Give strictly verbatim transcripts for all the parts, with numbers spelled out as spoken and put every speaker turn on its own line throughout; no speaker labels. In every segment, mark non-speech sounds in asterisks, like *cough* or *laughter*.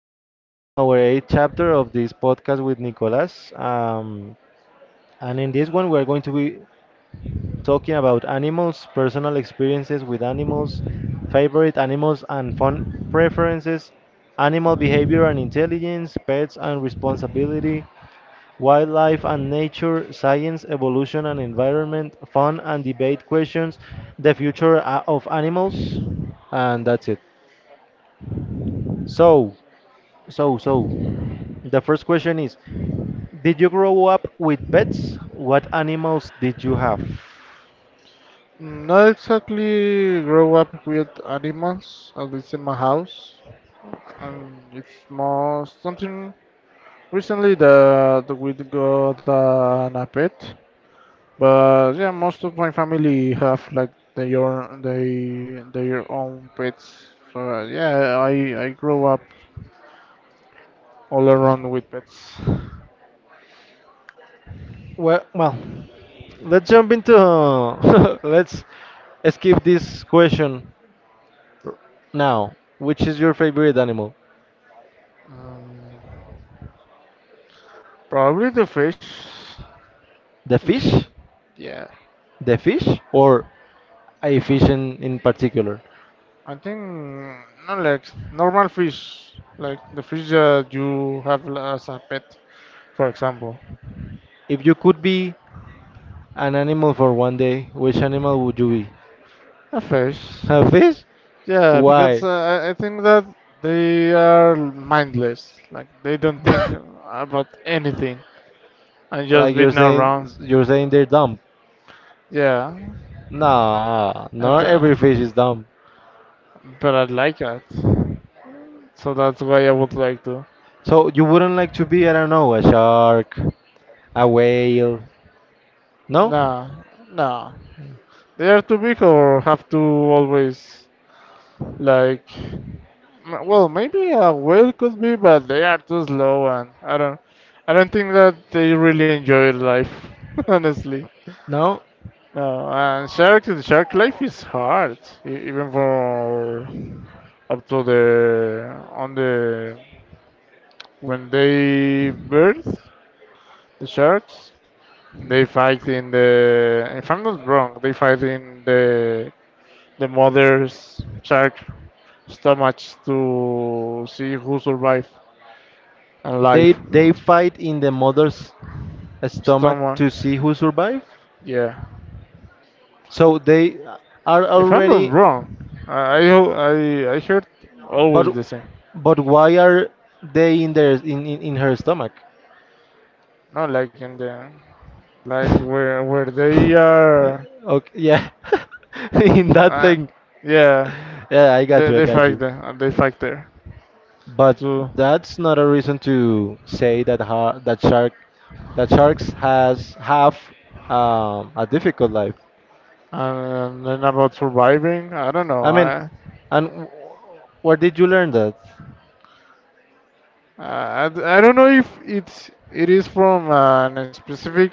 We are in our eighth chapter of this podcast with Nicolas. Um, and in this one, we are going to be talking about animals, personal experiences with animals, favorite animals and fun preferences, animal behavior and intelligence, pets and responsibility, wildlife and nature, science, evolution and environment, fun and debate questions, the future uh, of animals, and that's it. So, so, so, the first question is: did you grow up with pets? What animals did you have?
Not exactly grow up with animals, at least in my house. And it's more something recently that we got an a pet. But yeah, most of my family have like their they their own pets. So uh, yeah, I I grew up all around with pets.
Well, well, let's jump into. *laughs* Let's skip this question now. Which is your favorite animal?
Um, Probably the fish.
The
It's
fish?
yeah.
The fish or a fish in, in particular?
I think not like normal fish, like the fish that you have as a pet, for example.
If you could be an animal for one day, which animal would you be?
A fish.
A fish?
Yeah, because
Why?
uh, I I think that they are mindless. Like they don't think
*laughs*
about anything and just
Like
being
you're
around.
saying you're saying they're dumb.
Yeah,
Nah,
and
not
uh,
every fish is dumb.
but I like that. So that's why I would like to.
So you wouldn't like to be, I don't know, a shark, a whale. No?
Nah, nah. They are too big or have to always like, m- well, maybe a whale could be, but they are too slow, and I don't, I don't think that they really enjoy life, *laughs* honestly.
No?
No, and shark, shark life is hard, e- even for up to the on the when they birth the sharks, they fight in the. If I'm not wrong, they fight in the the mother's shark stomach to see who survives. And
They
life.
they fight in the mother's stomach
Someone,
to see who survives.
yeah.
So they are
If I'm not
already.
wrong, I I ho- I, I heard
But
always the same.
but why are they in their in, in, in her stomach?
Not like in the
*laughs*
like
Okay,
where where they are.
yeah. *laughs* In that
Uh,
thing.
yeah,
Yeah, I got
they
you. I
they
got
fight
you.
there. uh, They fight there
But
too.
that's not a reason to say that ha that shark that sharks has have um, a difficult life.
And then about surviving, I don't
I
know.
mean,
I
and w- where did you learn that?
I, I don't know if it's it is from a specific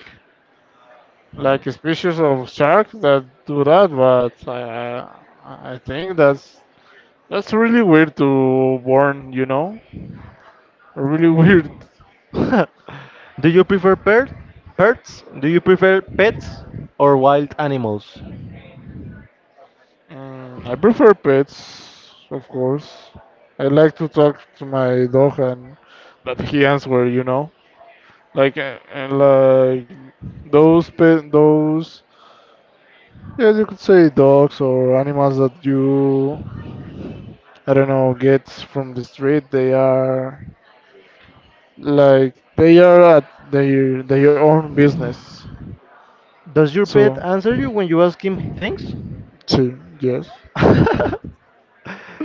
like a species of shark that do that, but I I, I think that's That's really weird to born, you know? Really *laughs* weird.
*laughs* Do you prefer per pets? Do you prefer pets or wild animals?
Mm, I prefer pets, of course. I like to talk to my dog and that he answer, you know? Like, uh, and like, those pet, those, yeah, you could say dogs or animals that you, I don't know, get from the street. They are, like, they are at their, their own business.
Does your pet
So,
answer you when you ask him things?
sí, yes,
*laughs*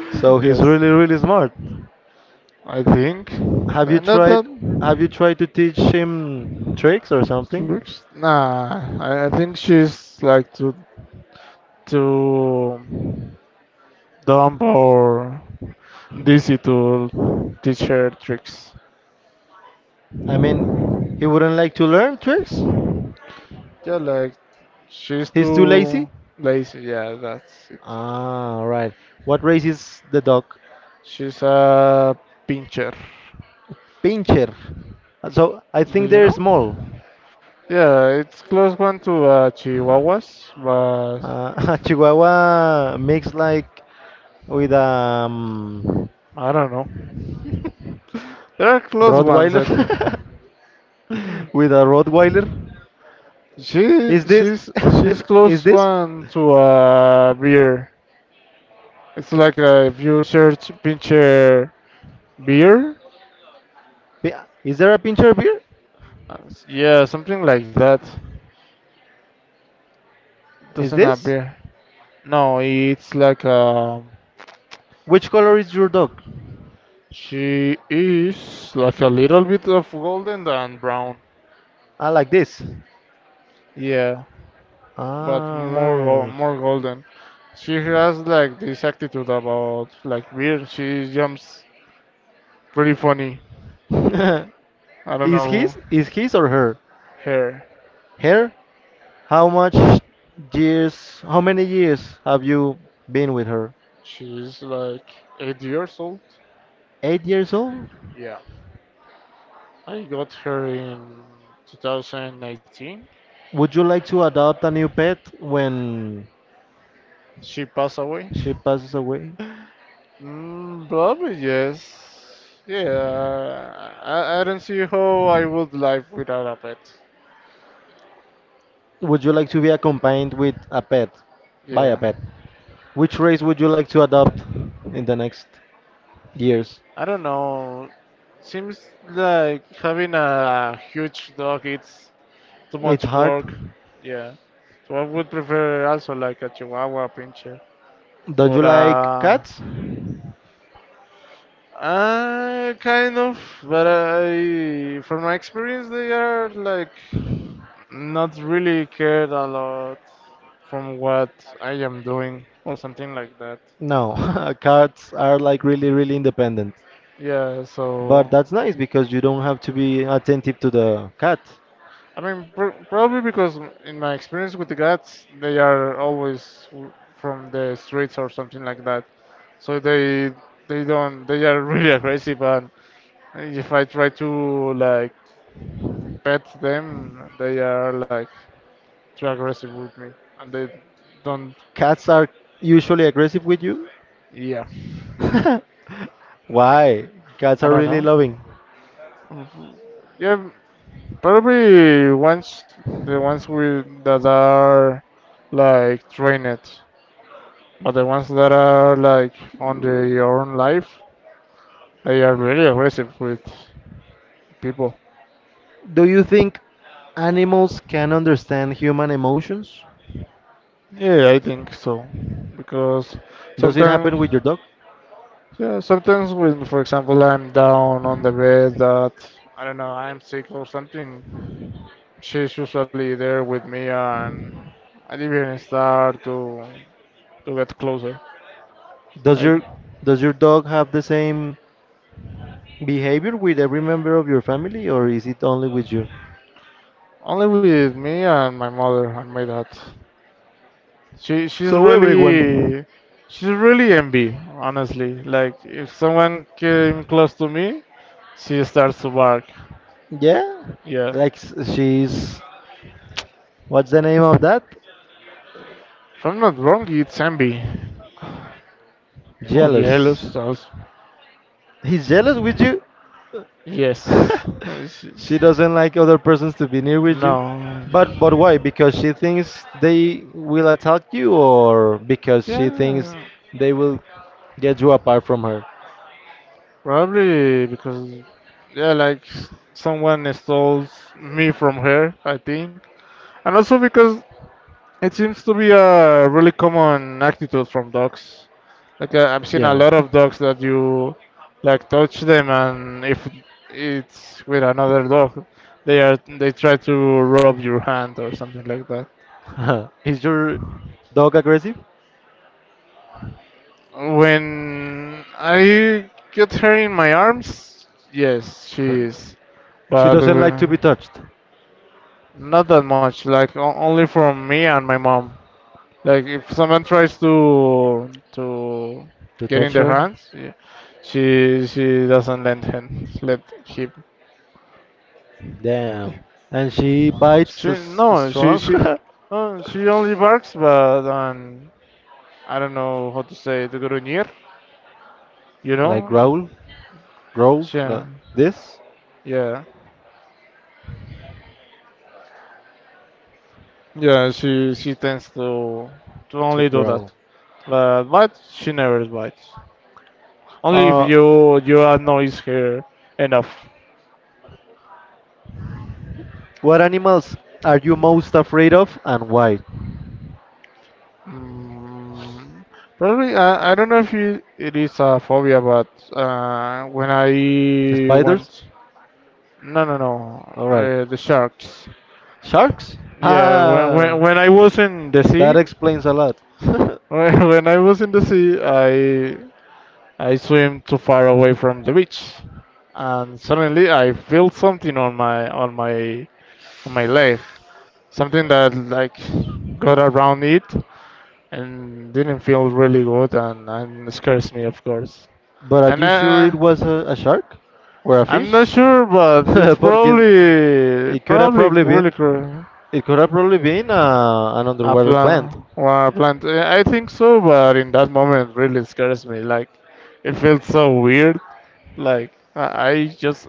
So
*laughs*
he's
yes.
really, really smart.
I think.
Have you tried
Another
have you
tricks.
tried to teach him tricks or something?
Nah, I, I think she's like too too dumb or dizzy to teach her tricks.
I mean, he wouldn't like to learn tricks?
Yeah, like she's
He's too lazy?
too lazy. Yeah, that's it.
Ah, right. What race is the dog?
She's a pincher.
Pincher. So I
Do
think
you
they're
know?
small.
Yeah, it's close one to uh, Chihuahuas, but
Uh, *laughs* a Chihuahua mixed like with a um,
I don't know. *laughs* There are close ones,
Rottweiler.
I think.
*laughs* With a Rottweiler.
She
Is this?
she's she's
*laughs* Is
close
this?
one to a beer. It's like uh, if you search pincher beer,
Pi- Is there a pincher beer?
uh, s- yeah, something like that.
Is
Doesn't have
this?
beer. No, it's like um
Which color is your dog?
she is like a little bit of golden than brown.
Ah, like this.
Yeah, but
All
more go-
right.
more golden. She has like this attitude about like beer. She jumps pretty funny. I
*laughs*
don't
is
know
his? Is his or her?
her.
Her? How much years? How many years have you been with her?
She's like eight years old.
Eight years old.
Yeah. I got her in twenty nineteen.
Would you like to adopt a new pet when
She passed away.
she passes away?
Mm, probably yes. Yeah. I, I don't see how I would live without a pet.
Would you like to be accompanied with a pet? By a
Yeah.
pet. Which race would you like to adopt in the next years?
I don't know. Seems like having a huge dog it's too much
It's hard.
work. Yeah. So I would prefer also like a Chihuahua pincher
Don't
or
you like
a
cats?
Uh, kind of, but I, from my experience, they are like not really cared a lot from what I am doing or something like that.
No, *laughs* cats are like really, really independent.
Yeah, so
But that's nice because you don't have to be attentive to the cat.
I mean, pr probably because in my experience with the guys, they are always w- from the streets or something like that. So they they don't they are *laughs* really aggressive, and if I try to like pet them, they are like. Too aggressive with me, and they don't.
Cats are usually aggressive with you.
Yeah,
*laughs* Why? Cats
I
are
don't
really
know.
loving.
Mhm. Yeah, probably ones the ones with that are like trained, but the ones that are like on their own life, they are really aggressive with people.
Do you think animals can understand human emotions?
Yeah, I think so. Because
Does it
sometimes,
happen with your dog?
yeah, sometimes when, for example, I'm down on the bed that I don't know, I'm sick or something, she's usually there with me, and I didn't start to to get closer.
Does
Like
your does your dog have the same behavior with every member of your family, or is it only with you?
only with me and my mother and my dad. She she's
So everyone.
really she's really envy, honestly. Like if someone came close to me, she starts to bark.
Yeah.
Yeah.
Like s- she's. What's the name of that?
If I'm not wrong, it's envy. Or
Jealous.
jealous also.
He's jealous with you.
Yes.
*laughs*
*laughs*
She
She's,
doesn't like other persons to be near with
no.
you. But but why? Because she thinks they will attack you, or because she thinks
Yeah.
they will get you apart from her.
Probably because, yeah, like someone stole me from her, I think. And also because it seems to be a really common attitude from dogs. Like I- I've seen a
Yeah.
lot of dogs that you like touch them and if it's with another dog, they are they try to rub your hand or something like that.
*laughs* Is your dog aggressive?
When I get her in my arms, yes, she is.
*laughs* She
But
doesn't like to
uh,
be touched.
not that much, like o- only from me and my mom. Like if someone tries to to
To
get in
touch
their
her.
hands, yeah, she she doesn't lend him let him.
Damn. And she bites
She
s-
No, she
strong.
she uh, she only barks, but um, I don't know how to say it, gruñir,
*laughs*
you
Like
know?
growl, growl,
She,
like this,
yeah, yeah, she she tends to to
to
only do
growl.
that, but but she never bites. Only if
Uh,
you you annoys her enough.
what animals are you most afraid of and why?
Mm, probably, I, I don't know if it, it is a phobia, but uh, when I
Spiders?
went, no, no, no,
Alright.
uh, the sharks.
Sharks?
Yeah, when, when
Ah,
when I was in the
that
sea,
explains a lot.
*laughs* when, when I was in the sea, I I swim too far away from the beach, and suddenly I feel something on my on my on my leg, something that like got around it, and didn't feel really good and, and scares me of course
*laughs* But are
and
you sure it
uh,
was a, a shark? Or a
I'm
fish?
not sure
*laughs*
but it's
Because
probably
it could have
probably
probably
really
been,
cruel.
it could have probably been uh, an
A
underwater
plant,
plant.
well, a plant. Uh, I think so but in that moment really scares me like it feels so weird like i I just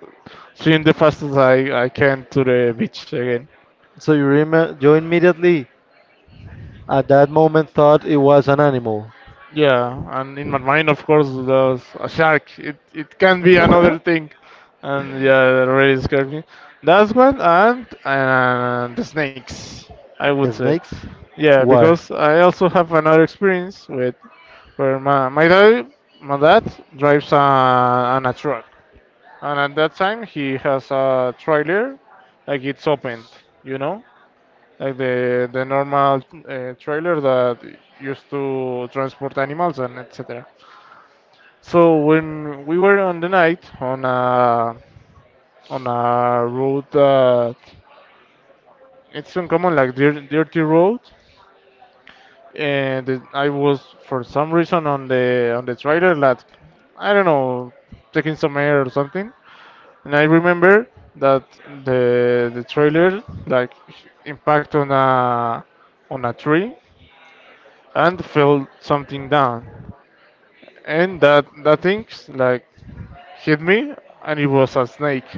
swim the fastest i I can to the beach again.
So you, rem- you immediately, at that moment, thought it was an animal.
Yeah, and in my mind, of course, there was a shark. It it can be another
*laughs*
thing, and yeah, it really scared me. That's one, and and the snakes, I would say.
Snakes?
Yeah,
Why?
because I also have another experience with where my my dad my dad drives a, on a truck, and at that time he has a trailer, like it's opened, you know, like the the normal uh, trailer that used to transport animals and et cetera. So when we were on the night on a on a road that it's uncommon like dirt, dirty road, and it- I was for some reason on the on the trailer like I don't know taking some air or something, and I remember that the the trailer like impact on a on a tree and fell something down, and that that things like hit me and it was a snake.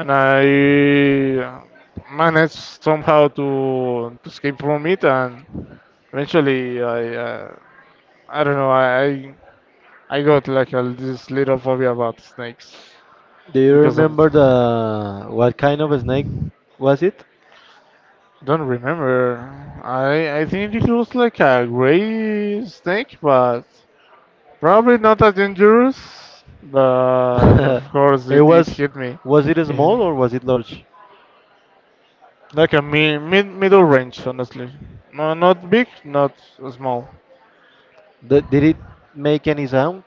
And I managed somehow to, to escape from it, and eventually I uh, I don't know I I got like a, this little phobia about snakes
Do you
because of.
remember the what kind of a snake was it?
Don't remember. I I think it was like a gray snake, but probably not that dangerous.
*laughs*
But of course
it
it, it
was
hit me.
was it
*laughs* Yeah.
small or was it large?
Like a mi- mid middle range, honestly. No, not big, not small.
Th- did it make any sound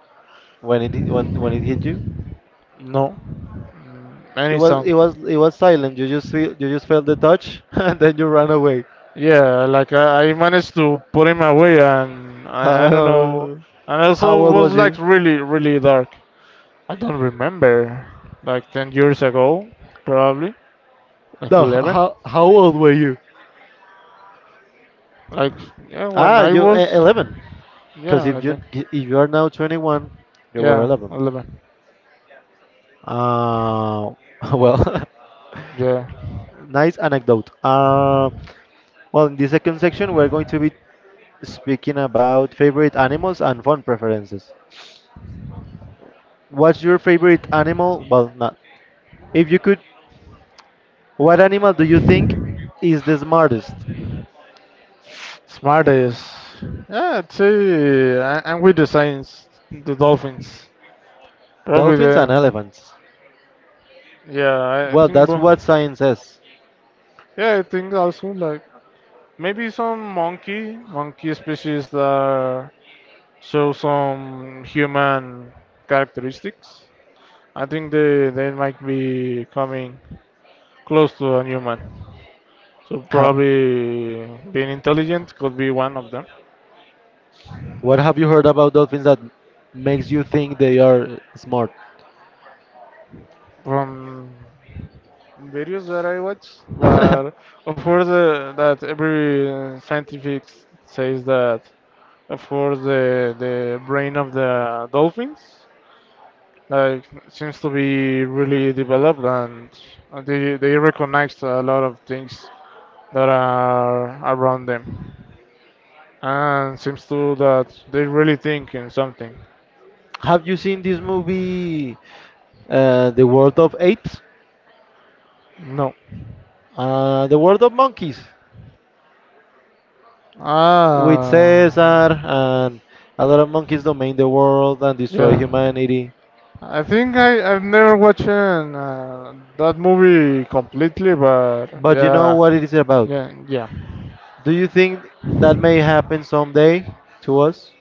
when it hit- when when it hit you?
No.
It
Any
was
sound,
it was it was silent. You just feel you just felt the touch *laughs* and then you ran away.
yeah, like I, I managed to put him away, and
*laughs*
I, I don't know.
How
And
how
also
old
was
was you?
like really, really dark. I don't remember. Like ten years ago, probably. Like
No,
eleven.
how how old were you?
Like, yeah, when
Ah,
I
you uh,
was.
eleven. Because
Yeah,
if
I
you
think.
if you are now twenty-one, you were
Yeah,
eleven.
eleven.
Uh, *laughs* well,
Yeah.
*laughs* nice anecdote. Uh, well, in the second section, we're going to be speaking about favorite animals and fun preferences. What's your favorite animal? Well, not. If you could, what animal do you think is the smartest?
Smartest. Yeah, I'd say. I- I'm with the Saints, the Dolphins. Probably
Dolphins and
the.
elephants.
Yeah, I I
Well,
think.
that's
bo-
what science says.
Yeah, I think also like. Maybe some monkey, monkey species that show some human characteristics. I think they, they might be coming close to a human. So
Ha-
probably being intelligent could be one of them.
what have you heard about dolphins that makes you think they are smart?
From videos that I watch, but
*laughs*
of course uh, that every uh, scientific says that of course the the brain of the dolphins like seems to be really developed and uh, they they recognize a lot of things that are around them and seems to that they really think in something.
Have you seen this movie, uh, The World of Apes?
No.
Uh, the World of Monkeys, with
Ah,
Caesar and a lot of monkeys domain the world and destroy
yeah,
humanity.
I think I I've never watched uh, that movie completely but
But you know
yeah.
what it is about.
Yeah, yeah,
Do you think that may happen someday to us?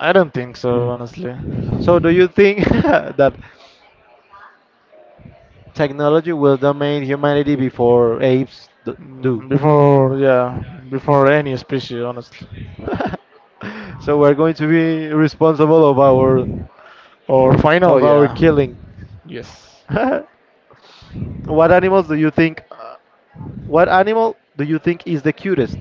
I don't think so honestly.
So, do you think *laughs* that technology will domain humanity before apes d- do?
Mm, before, yeah, before any species honestly.
*laughs* So we're going to be responsible of our
Or final,
of our
yeah.
killing.
Yes.
*laughs* What animals do you think? uh, What animal do you think is the cutest?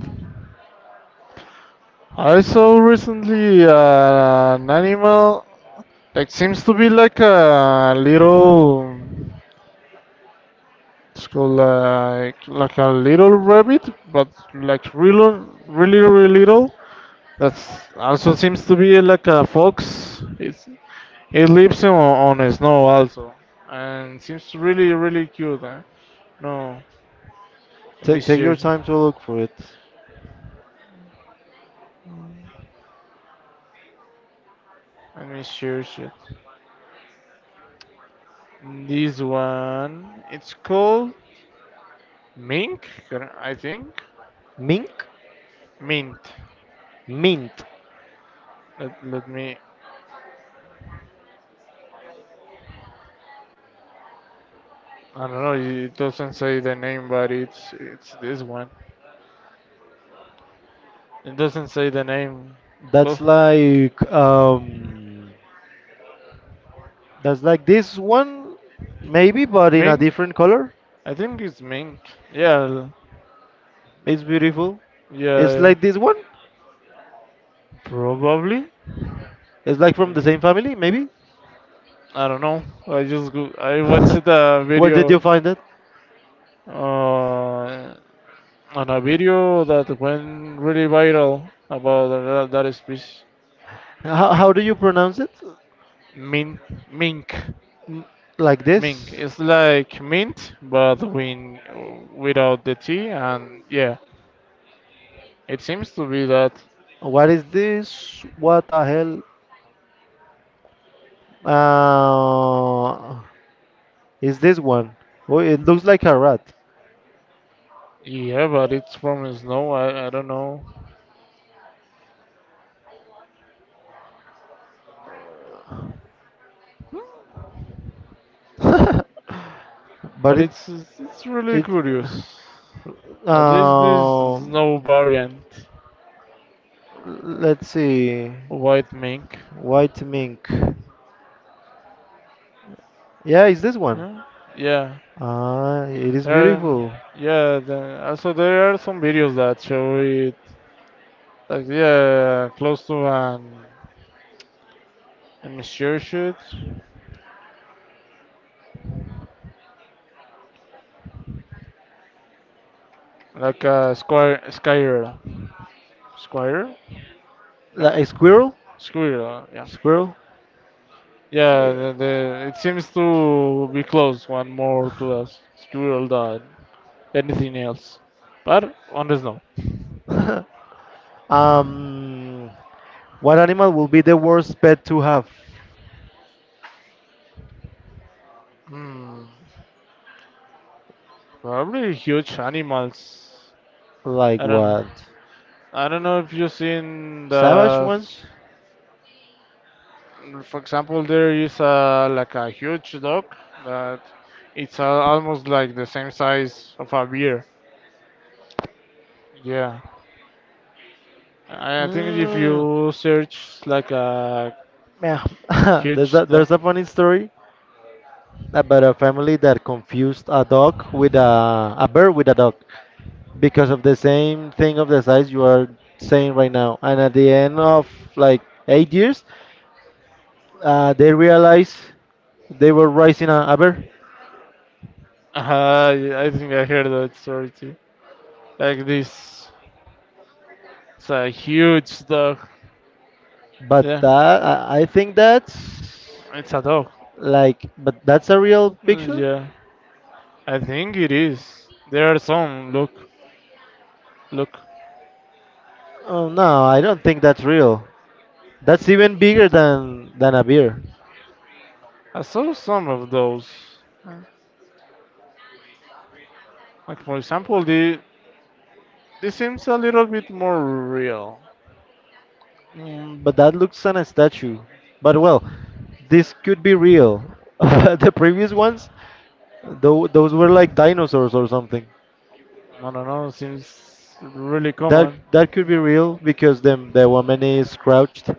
I saw recently uh, an animal that seems to be like a little. It's called like like a little rabbit, but like really, really, really little. That's also seems to be like a fox. It's it lives on, on snow also, and seems really, really cute. Huh? No, let me
Take take your
search.
time to look for it.
Let me search it. This one, it's called Mink, I think.
Mink,
Mint.
mint.
Let, let me. I don't know. It doesn't say the name, but it's it's this one. It doesn't say the name. Look,
That's like um, that's like this one, maybe, but in a
Mink.
different color.
I think it's Mink. Yeah,
It's beautiful.
yeah,
It's
yeah.
like this one.
Probably.
It's like from the same family, maybe.
I don't know. I just go, I watched a
*laughs* Where did
video
you find it?
uh, on a video that went really viral about that, that species.
How how do you pronounce it?
Min, mink.
M- Like
Mink.
this?
It's like mint, but win without the tea. And yeah, it seems to be that.
What is this? What the hell? Uh, It's this one. Oh, it looks like a rat.
Yeah, but it's from snow. I, I don't know,
*laughs* But
but
it,
it's it's really
it,
curious. At least this
um,
snow variant,
let's see,
white mink.
white mink. Yeah, it's this one.
Huh? Yeah,
Ah, it is
there. are-
beautiful.
Yeah, the, also there are some videos that show it. Like yeah, close to an a meteor shoot, like a square sky era. Squire? No?
Like a squirrel?
Squire, uh, yeah.
Squirrel?
Yeah,
Yeah.
the, the, it seems to be close, one more to us. Squirrel than anything else. But, on the snow.
*laughs* um, what animal will be the worst pet to have?
Hmm, probably huge animals.
Like
I don't know.
what?
I don't know if you've seen
Savage
that.
ones?
For example, there is a, like a huge dog that it's uh, almost like the same size of a beer. Yeah, I I think if
Mm,
you search like a
yeah. *laughs* There's
huge
a
dog.
there's a funny story about a family that confused a dog with a, a bird with a dog because of the same thing of the size you are saying right now. And at the end of like eight years, uh, they realized they were raising a, a bear.
Uh, yeah, I think I heard that story too. Like this, it's a huge dog.
But
Yeah,
that, I I think that's
it's a dog.
like, but that's a real
Uh,
picture?
Yeah, I think it is. There are some. Look, look.
Oh no, I don't think that's real. That's even bigger than than a bear.
I saw some of those. Uh, Like for example, the this seems a little bit more real.
Mm, but that looks on a statue. But well, this could be real. *laughs* The previous ones, tho- those were like dinosaurs or something.
I don't know. Seems really
That
common.
that could be real because the the woman is crouched.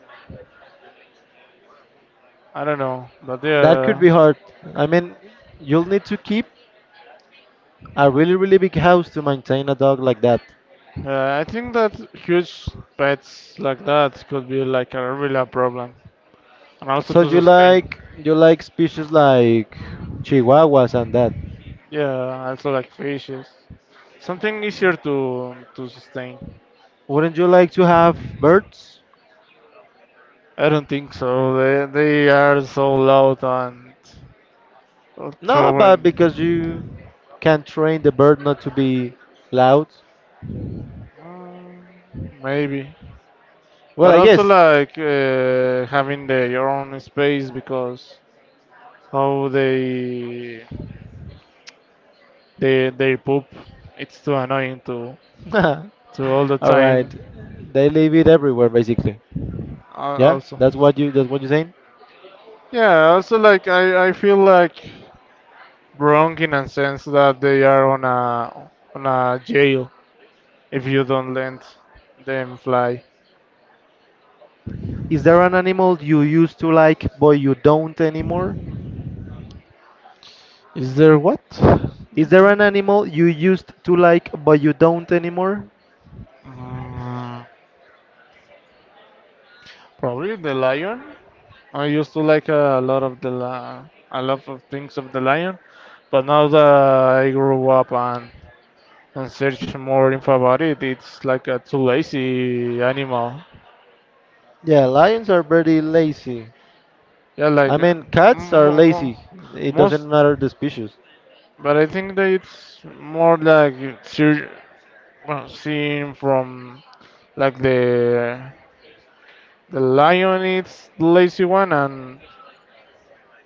I don't know, but
That could
yeah,
be hard. I mean, you'll need to keep a really really big house to maintain a dog like that.
yeah, I think that huge pets like that could be like a real problem, and also
So
to
you
sustain.
like you like species like chihuahuas and that.
Yeah, also like fishes. Something easier to to sustain.
Wouldn't you like to have birds?
I don't think so. They they are so loud and
No, but because you
throwing.
can train the bird not to be loud.
Mm, maybe,
Well,
but
I
also
guess.
like uh, having their your own space because how they they they poop. It's too annoying to
*laughs*
to all the
All right.
time.
They leave it everywhere, basically.
al-
Yeah,
Also,
that's what you that's what you're saying.
yeah. Also like I I feel like wrong in a sense that they are on a on a jail if you don't let them fly.
Is there an animal you used to like but you don't anymore?
Is there what?
Is
Is
there
there-
an animal you used to like but you don't anymore?
Mm, probably the lion. I used to like a lot of the li- a lot of things of the lion, but now that I grew up and and search more info about it, it's like a too lazy animal.
Yeah, lions are very lazy.
Yeah,
I
like uh,
mean, cats
m-
are
mo mo
lazy. It doesn't
most,
matter the species.
but I think that it's more like sur well, seen from like the the lion eats the lazy one, and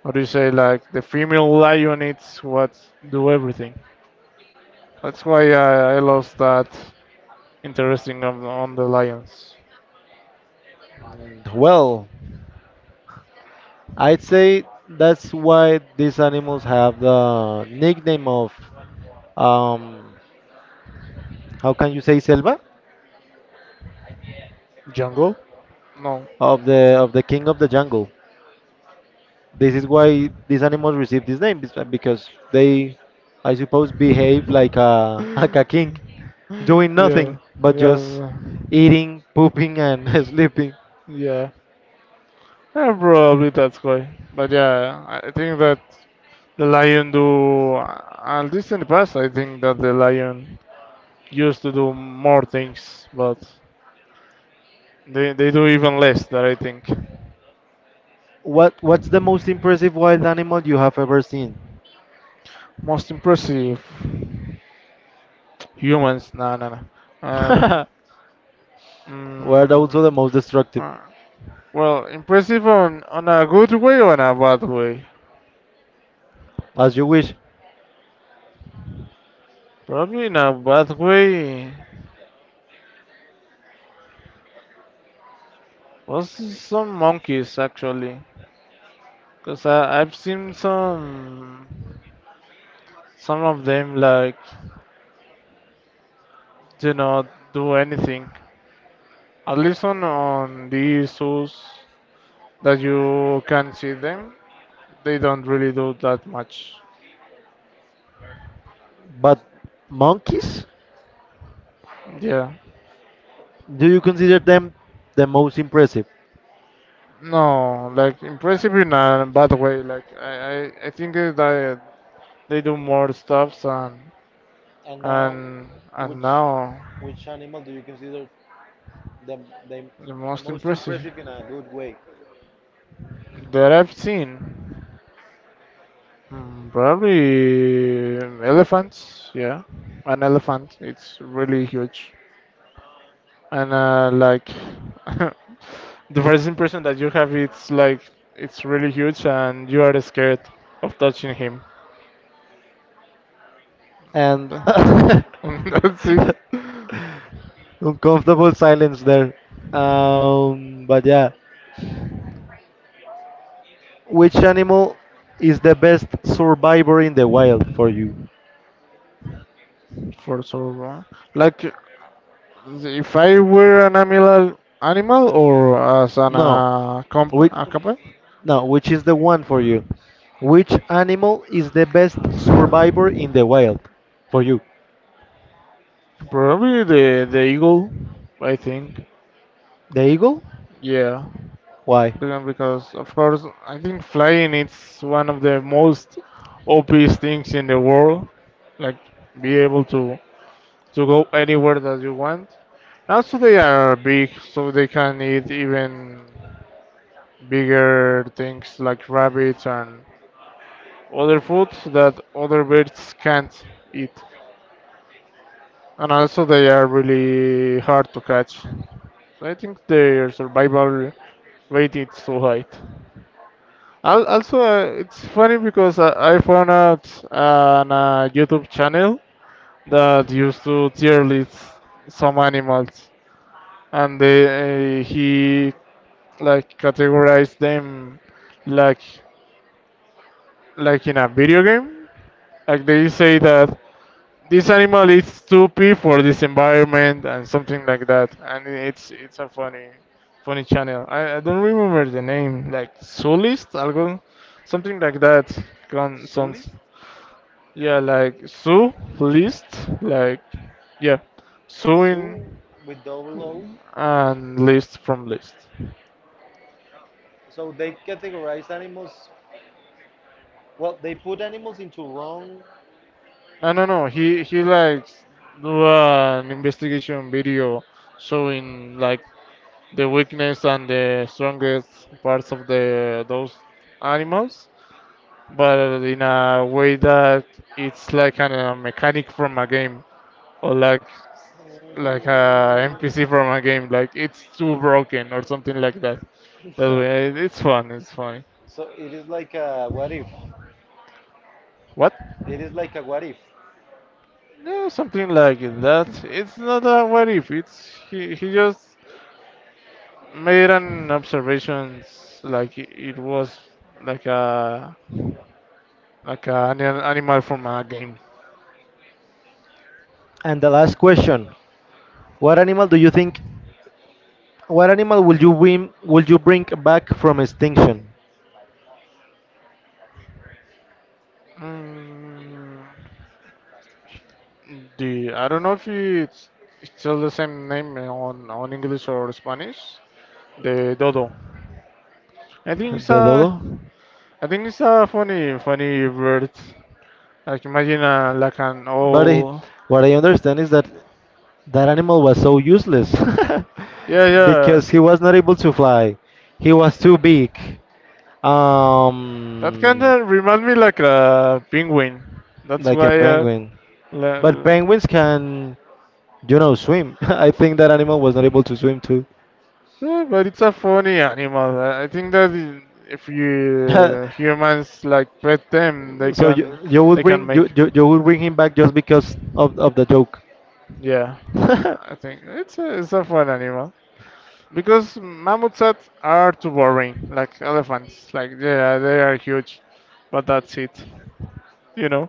how do you say like the female lion eats what do everything. That's why I, I lost that interesting on, on the lions.
Mm, well, I'd say that's why these animals have the nickname of um, how can you say Selva,
Jungle? No.
of the of the king of the jungle. This is why these animals receive this name bes- because they, I suppose, behave like a *laughs* like
*laughs*
a king, doing
Yeah,
nothing but just
yeah,
eating, pooping, and *laughs* sleeping.
yeah. Yeah, probably that's why. But yeah, I I think that the lion do. At least in the past, I think that the lion used to do more things, but They they do even less that I think.
What what's the most impressive wild animal you have ever seen?
Most impressive humans? No, no, no. Um,
*laughs* Were also the
mm,
most destructive,
uh, well, impressive on on a good way or in a bad way?
as you wish.
Probably in a bad way. Was some monkeys actually? Cause I I've seen some some of them like do not do anything. At least on on these zoos that you can see them. They don't really do that much.
But monkeys?
Yeah.
Do you consider them the most impressive?
No, like impressive in a bad way. Like I, I, I think that I- they do more stuffs and
And now,
and and
which
now
which animal do you consider the the
the most
most
impressive
impressive in a good way?
that I've seen, mm, probably elephants. Yeah, an elephant. It's really huge, and uh, like *laughs* the first impression that you have it's like it's really huge and you are scared of touching him,
And *laughs*
*laughs* and that's it
uncomfortable silence there. Um, but yeah, which animal is the best survivor in the wild for you?
for so long, like if I were an animal animal or as an
No,
uh, comp
which
a company,
no, which is the one for you? Which animal is the best survivor in the wild for you?
probably the the eagle I think,
The eagle?
yeah.
Why?
Brilliant, because of course I think flying is one of the most obvious things in the world. Like be able to to go anywhere that you want. Also they are big so they can eat even bigger things like rabbits and other foods that other birds can't eat. And also they are really hard to catch. So I think their survival rate is so high. Al- Also, uh, it's funny because I, I found out uh, on a YouTube channel that used to tier list some animals, and they, uh, he like categorized them like like in a video game. Like they say that this animal is too p for this environment and something like that, and it's it's a funny funny channel. I, I don't remember the name, like Soulist, algo, something like that. Con,
Zoologist.
sounds. Yeah, like Sue, list, like, yeah,
Zoo
suing
with double O.
and list from list.
So they categorize animals. Well, they put animals into wrong. I.
No, no, no. He he likes do an investigation video showing like the weakness and the strongest parts of the those animals, but in a way that it's like an, a mechanic from a game, or like like a N P C from a game, like it's too broken or something like that. That way,
*laughs*
it's fun. It's funny.
So it is like a what if.
What?
It is like a what if.
No, something like that. It's not a what if. It's he. He just made an observations like it it was like a like a, an animal from a game.
And the last question: what animal do you think? What animal will you win? Will you bring back from extinction?
Mm, the I don't know if it's it's still the same name on on English or Spanish. The dodo. I
*laughs*
think it's
The
a
dodo.
I think it's a funny, funny word. Like imagine uh, like an
But I,
owl.
what I understand is that that animal was so useless
Yeah,
*laughs*
yeah.
because he was not able to fly. He was too big,
That kind
um,
of remind me like a penguin. That's
like a
why. Uh,
penguin. But
la-
penguins can, you know, swim. *laughs* I think that animal was not able to swim too.
yeah, but it's a funny animal. I I think that i- if you
*laughs*
humans like pet them, they
So you
can
you would
they
bring
can
you,
make.
you you would bring him back just because of of the joke.
Yeah,
*laughs*
I think it's a it's a fun animal because mammoths are are too boring. Like elephants, like yeah, they are huge, but that's it, you know.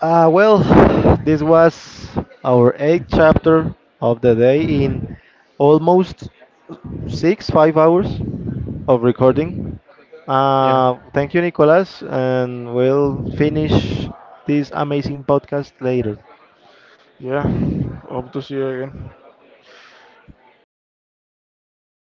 Uh, well, *sighs* this was our eighth chapter of the day in almost six, five hours of recording.
Yeah.
Uh, thank you, Nicolas, and we'll finish this amazing podcast later.
Yeah, hope to see you again.